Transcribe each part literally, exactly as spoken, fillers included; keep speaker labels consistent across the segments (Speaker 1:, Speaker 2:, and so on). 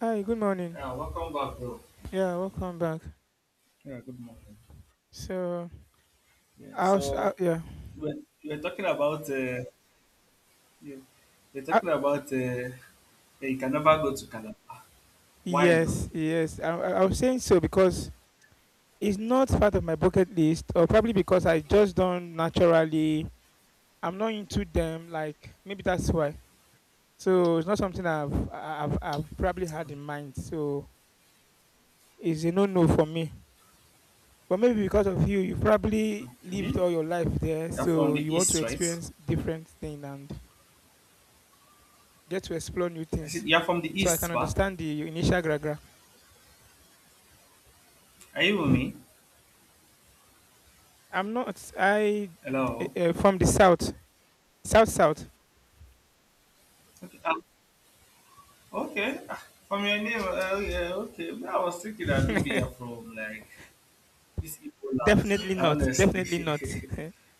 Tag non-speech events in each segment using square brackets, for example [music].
Speaker 1: Hi, good morning.
Speaker 2: Yeah, welcome back, bro.
Speaker 1: Yeah, welcome back.
Speaker 2: Yeah, good morning.
Speaker 1: So,
Speaker 2: Yeah,
Speaker 1: I was, uh,
Speaker 2: so
Speaker 1: yeah,
Speaker 2: we're, we're talking about uh, you, we're
Speaker 1: I,
Speaker 2: talking about uh, yeah, you can never go to Canada. Why now?
Speaker 1: yes, yes. I, I I was saying, so because it's not part of my bucket list, or probably because I just don't naturally. I'm not into them. Like maybe that's why. So it's not something I've I've, I've probably had in mind. So it's a no-no for me. But maybe because of you, you probably
Speaker 2: Okay,
Speaker 1: lived all your life there,
Speaker 2: you're from
Speaker 1: so
Speaker 2: the
Speaker 1: you want to
Speaker 2: east, right?
Speaker 1: experience different thing and get to explore new
Speaker 2: I said
Speaker 1: things.
Speaker 2: you're from the
Speaker 1: So I
Speaker 2: east,
Speaker 1: can
Speaker 2: but
Speaker 1: understand the initial gragra.
Speaker 2: are you with me?
Speaker 1: [laughs] I'm not. I am not
Speaker 2: Hello.
Speaker 1: I uh, from the south, south south.
Speaker 2: Okay. ah, okay. ah, From your name, uh, yeah, okay. But I was thinking that maybe you're
Speaker 1: [laughs]
Speaker 2: from like this Igbo land,
Speaker 1: Definitely not.
Speaker 2: honestly.
Speaker 1: Definitely not.
Speaker 2: [laughs]
Speaker 1: [laughs]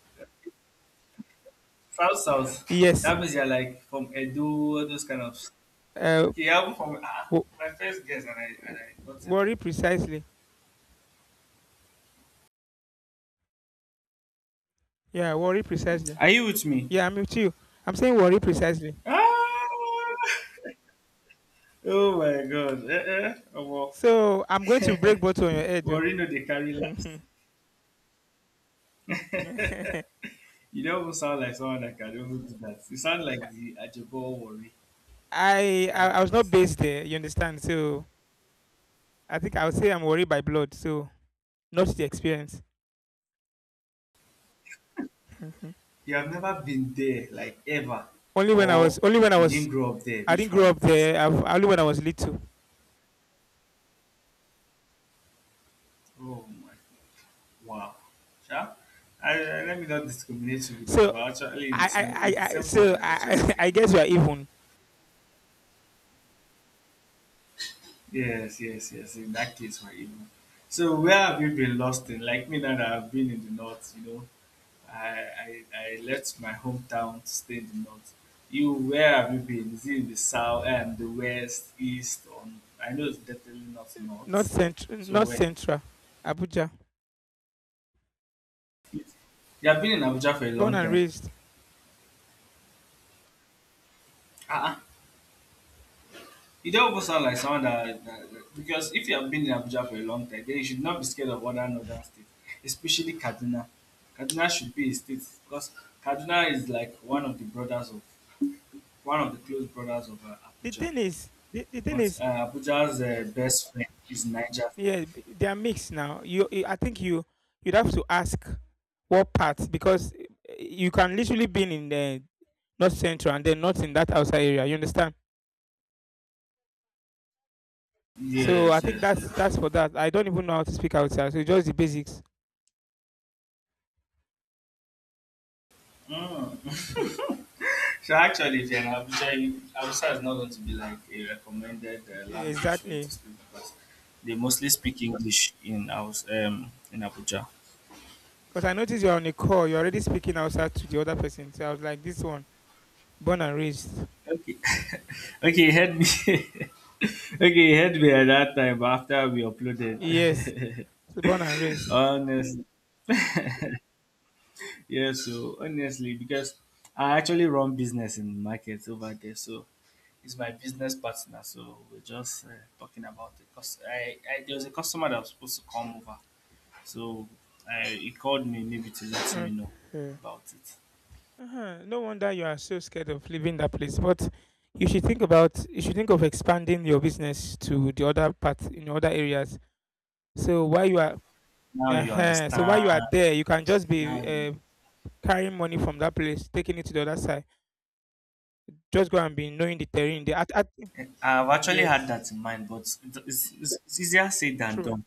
Speaker 2: South South.
Speaker 1: Yes.
Speaker 2: That means you're like from Edo, all those kind of.
Speaker 1: Uh,
Speaker 2: Okay, I'm from ah,
Speaker 1: wo-
Speaker 2: my first guess, and I and
Speaker 1: wo-
Speaker 2: I got it right.
Speaker 1: Worry precisely. Yeah, worry precisely.
Speaker 2: Are you with me?
Speaker 1: Yeah, I'm with you. I'm saying worry precisely.
Speaker 2: Ah! [laughs] Oh my God! Eh, eh. Omo.
Speaker 1: So I'm going to break bottle on your
Speaker 2: [laughs]
Speaker 1: head.
Speaker 2: Morino they carry last.
Speaker 1: though. [laughs]
Speaker 2: You don't even sound like someone that can even do that. You sound like the Ajabo worry
Speaker 1: I,
Speaker 2: kind
Speaker 1: I
Speaker 2: of
Speaker 1: I was not
Speaker 2: person.
Speaker 1: based there. You understand? So I think I would say I'm worried by blood. So not the experience. [laughs]
Speaker 2: You have never been there, like ever,
Speaker 1: Only when I
Speaker 2: or
Speaker 1: was only when I
Speaker 2: you
Speaker 1: was
Speaker 2: didn't grow up there.
Speaker 1: I
Speaker 2: Which
Speaker 1: didn't grow
Speaker 2: one
Speaker 1: up
Speaker 2: first?
Speaker 1: there. I've, only when I was little.
Speaker 2: Oh my wow. Sha? I, I, let me not discriminate you because
Speaker 1: So
Speaker 2: we're actually in the
Speaker 1: I I,
Speaker 2: same it's the
Speaker 1: I I-
Speaker 2: same bus
Speaker 1: so
Speaker 2: that is actually
Speaker 1: I [laughs] I
Speaker 2: taking.
Speaker 1: guess we are even.
Speaker 2: [laughs] Yes, yes, yes. In that case we're even. So where have you been lost in? Like me now that I've been in the north, you know. I, I I left my hometown to stay in the north. You where have you been? Is it in the south and the west, east, or I know it's definitely not
Speaker 1: Not
Speaker 2: north.
Speaker 1: central.
Speaker 2: So
Speaker 1: Not
Speaker 2: where
Speaker 1: central. Abuja.
Speaker 2: you have been in Abuja for a
Speaker 1: Born
Speaker 2: long
Speaker 1: and
Speaker 2: time.
Speaker 1: raised.
Speaker 2: Ah uh-uh. You don't even sound like someone that, that that- because if you have been in Abuja for a long time, then you should not be scared of other northern states, especially Kaduna. Kaduna should be a state because Kaduna is like one of the brothers of one of the close brothers of uh,
Speaker 1: The
Speaker 2: Abuja.
Speaker 1: thing is, the, the thing
Speaker 2: But
Speaker 1: is,
Speaker 2: uh, Abuja's uh, best friend is Niger.
Speaker 1: yeah, b- they are mixed now. You, you, I think you, you'd have to ask what part because eh, you can literally be in the north central and then not in that outside area. You understand? So I
Speaker 2: Yes,
Speaker 1: think
Speaker 2: yes,
Speaker 1: that's
Speaker 2: yes.
Speaker 1: that's for that. I don't even know how to speak outside. So just the basics.
Speaker 2: Mm. [laughs]
Speaker 1: [laughs]
Speaker 2: So actually, if you're in Abuja, you- Abuja is not going to be like a recommended uh, language for you to
Speaker 1: Exactly.
Speaker 2: speak because they mostly speak English in house um in Abuja.
Speaker 1: Because I noticed you're on a call, you're already speaking outside to the other person. So I was like, this one, born and raised.
Speaker 2: Okay, [laughs] okay, you had me. [laughs] Okay, you had me at that time, but after we uploaded,
Speaker 1: Yes,
Speaker 2: [laughs]
Speaker 1: so born and raised.
Speaker 2: honestly, [laughs] yeah. So honestly, because I actually run business in markets over there, so it's my business partner. So we're just uh, talking about it. Cause I, I there was a customer that was supposed to come over, so I, he called me maybe to let me know
Speaker 1: Okay.
Speaker 2: about it.
Speaker 1: Uh-huh. No wonder you are so scared of leaving that place. But you should think about, you should think of expanding your business to the other part in other areas. So while you are,
Speaker 2: Now you
Speaker 1: uh-huh, so while
Speaker 2: understand.
Speaker 1: you are there, you can just
Speaker 2: Now
Speaker 1: be
Speaker 2: you
Speaker 1: uh, carrying money from that place, taking it to the other side. Just go and be knowing the terrain. The at, at,
Speaker 2: I've actually had
Speaker 1: yes,
Speaker 2: that in mind, but it- it's, it's, it's easier said than
Speaker 1: true,
Speaker 2: done.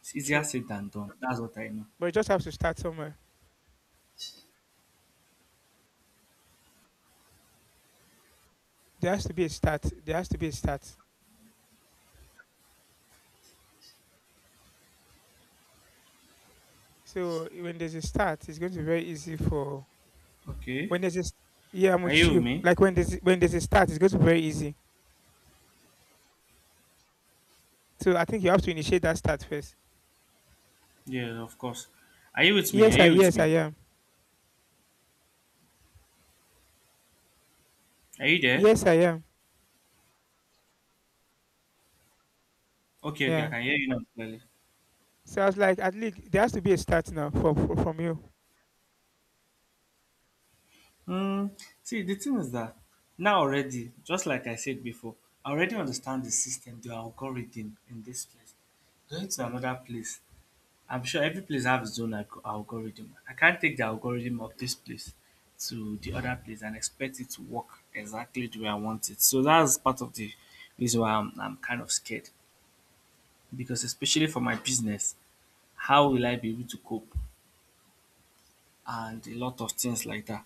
Speaker 2: It's easier
Speaker 1: true.
Speaker 2: said than done. That's what I know.
Speaker 1: But you just have to start somewhere. There has to be a start. There has to be a start. So when there's a start, it's going to be very easy for
Speaker 2: Okay.
Speaker 1: when there's a st- yeah, I'm
Speaker 2: Are
Speaker 1: with
Speaker 2: you with
Speaker 1: you.
Speaker 2: me?
Speaker 1: Like when there's when there's a start, it's going to be very easy. So I think you have to initiate that start first.
Speaker 2: Yes, of course. Are you with me? Are
Speaker 1: Yes, I
Speaker 2: you with
Speaker 1: yes I
Speaker 2: me?
Speaker 1: am.
Speaker 2: Are you there?
Speaker 1: Yes, I am.
Speaker 2: Okay, okay, I
Speaker 1: Yeah.
Speaker 2: can hear you now clearly.
Speaker 1: So I was like, at least there has to be a start now for, for from you.
Speaker 2: Hmm. See, the thing is that now already, just like I said before, I already understand the system, the algorithm in this place. Going to another place I'm sure every place have its own alg- algorithm. I can't take the algorithm of this place to the other place and expect it to work exactly the way I want it. So that's part of the reason why I'm, I'm kind of scared because, especially for my business, how will I be able to cope and a lot of things like that.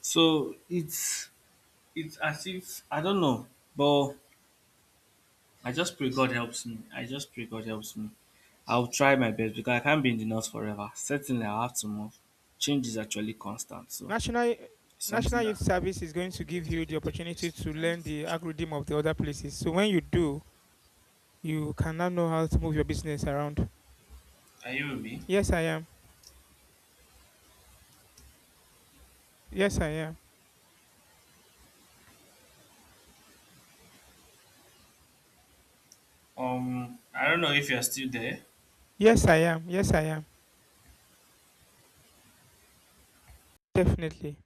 Speaker 2: So it's it's as if I don't know, but I just pray God helps me. I just pray God helps me. I'll try my best because I can't be in the north forever. Certainly, I'll have to move. Change is actually constant, so
Speaker 1: National
Speaker 2: it's something
Speaker 1: National
Speaker 2: that
Speaker 1: Youth Service is going
Speaker 2: will
Speaker 1: to give you the
Speaker 2: definitely take place
Speaker 1: opportunity to
Speaker 2: later in the
Speaker 1: learn the
Speaker 2: future.
Speaker 1: algorithm of the other places. So when you do, you can now know how to move your business around.
Speaker 2: Are you with me?
Speaker 1: Yes, I am. Yes, I am.
Speaker 2: Um, I don't know if you're still there.
Speaker 1: Yes, I am. Yes, I am. Definitely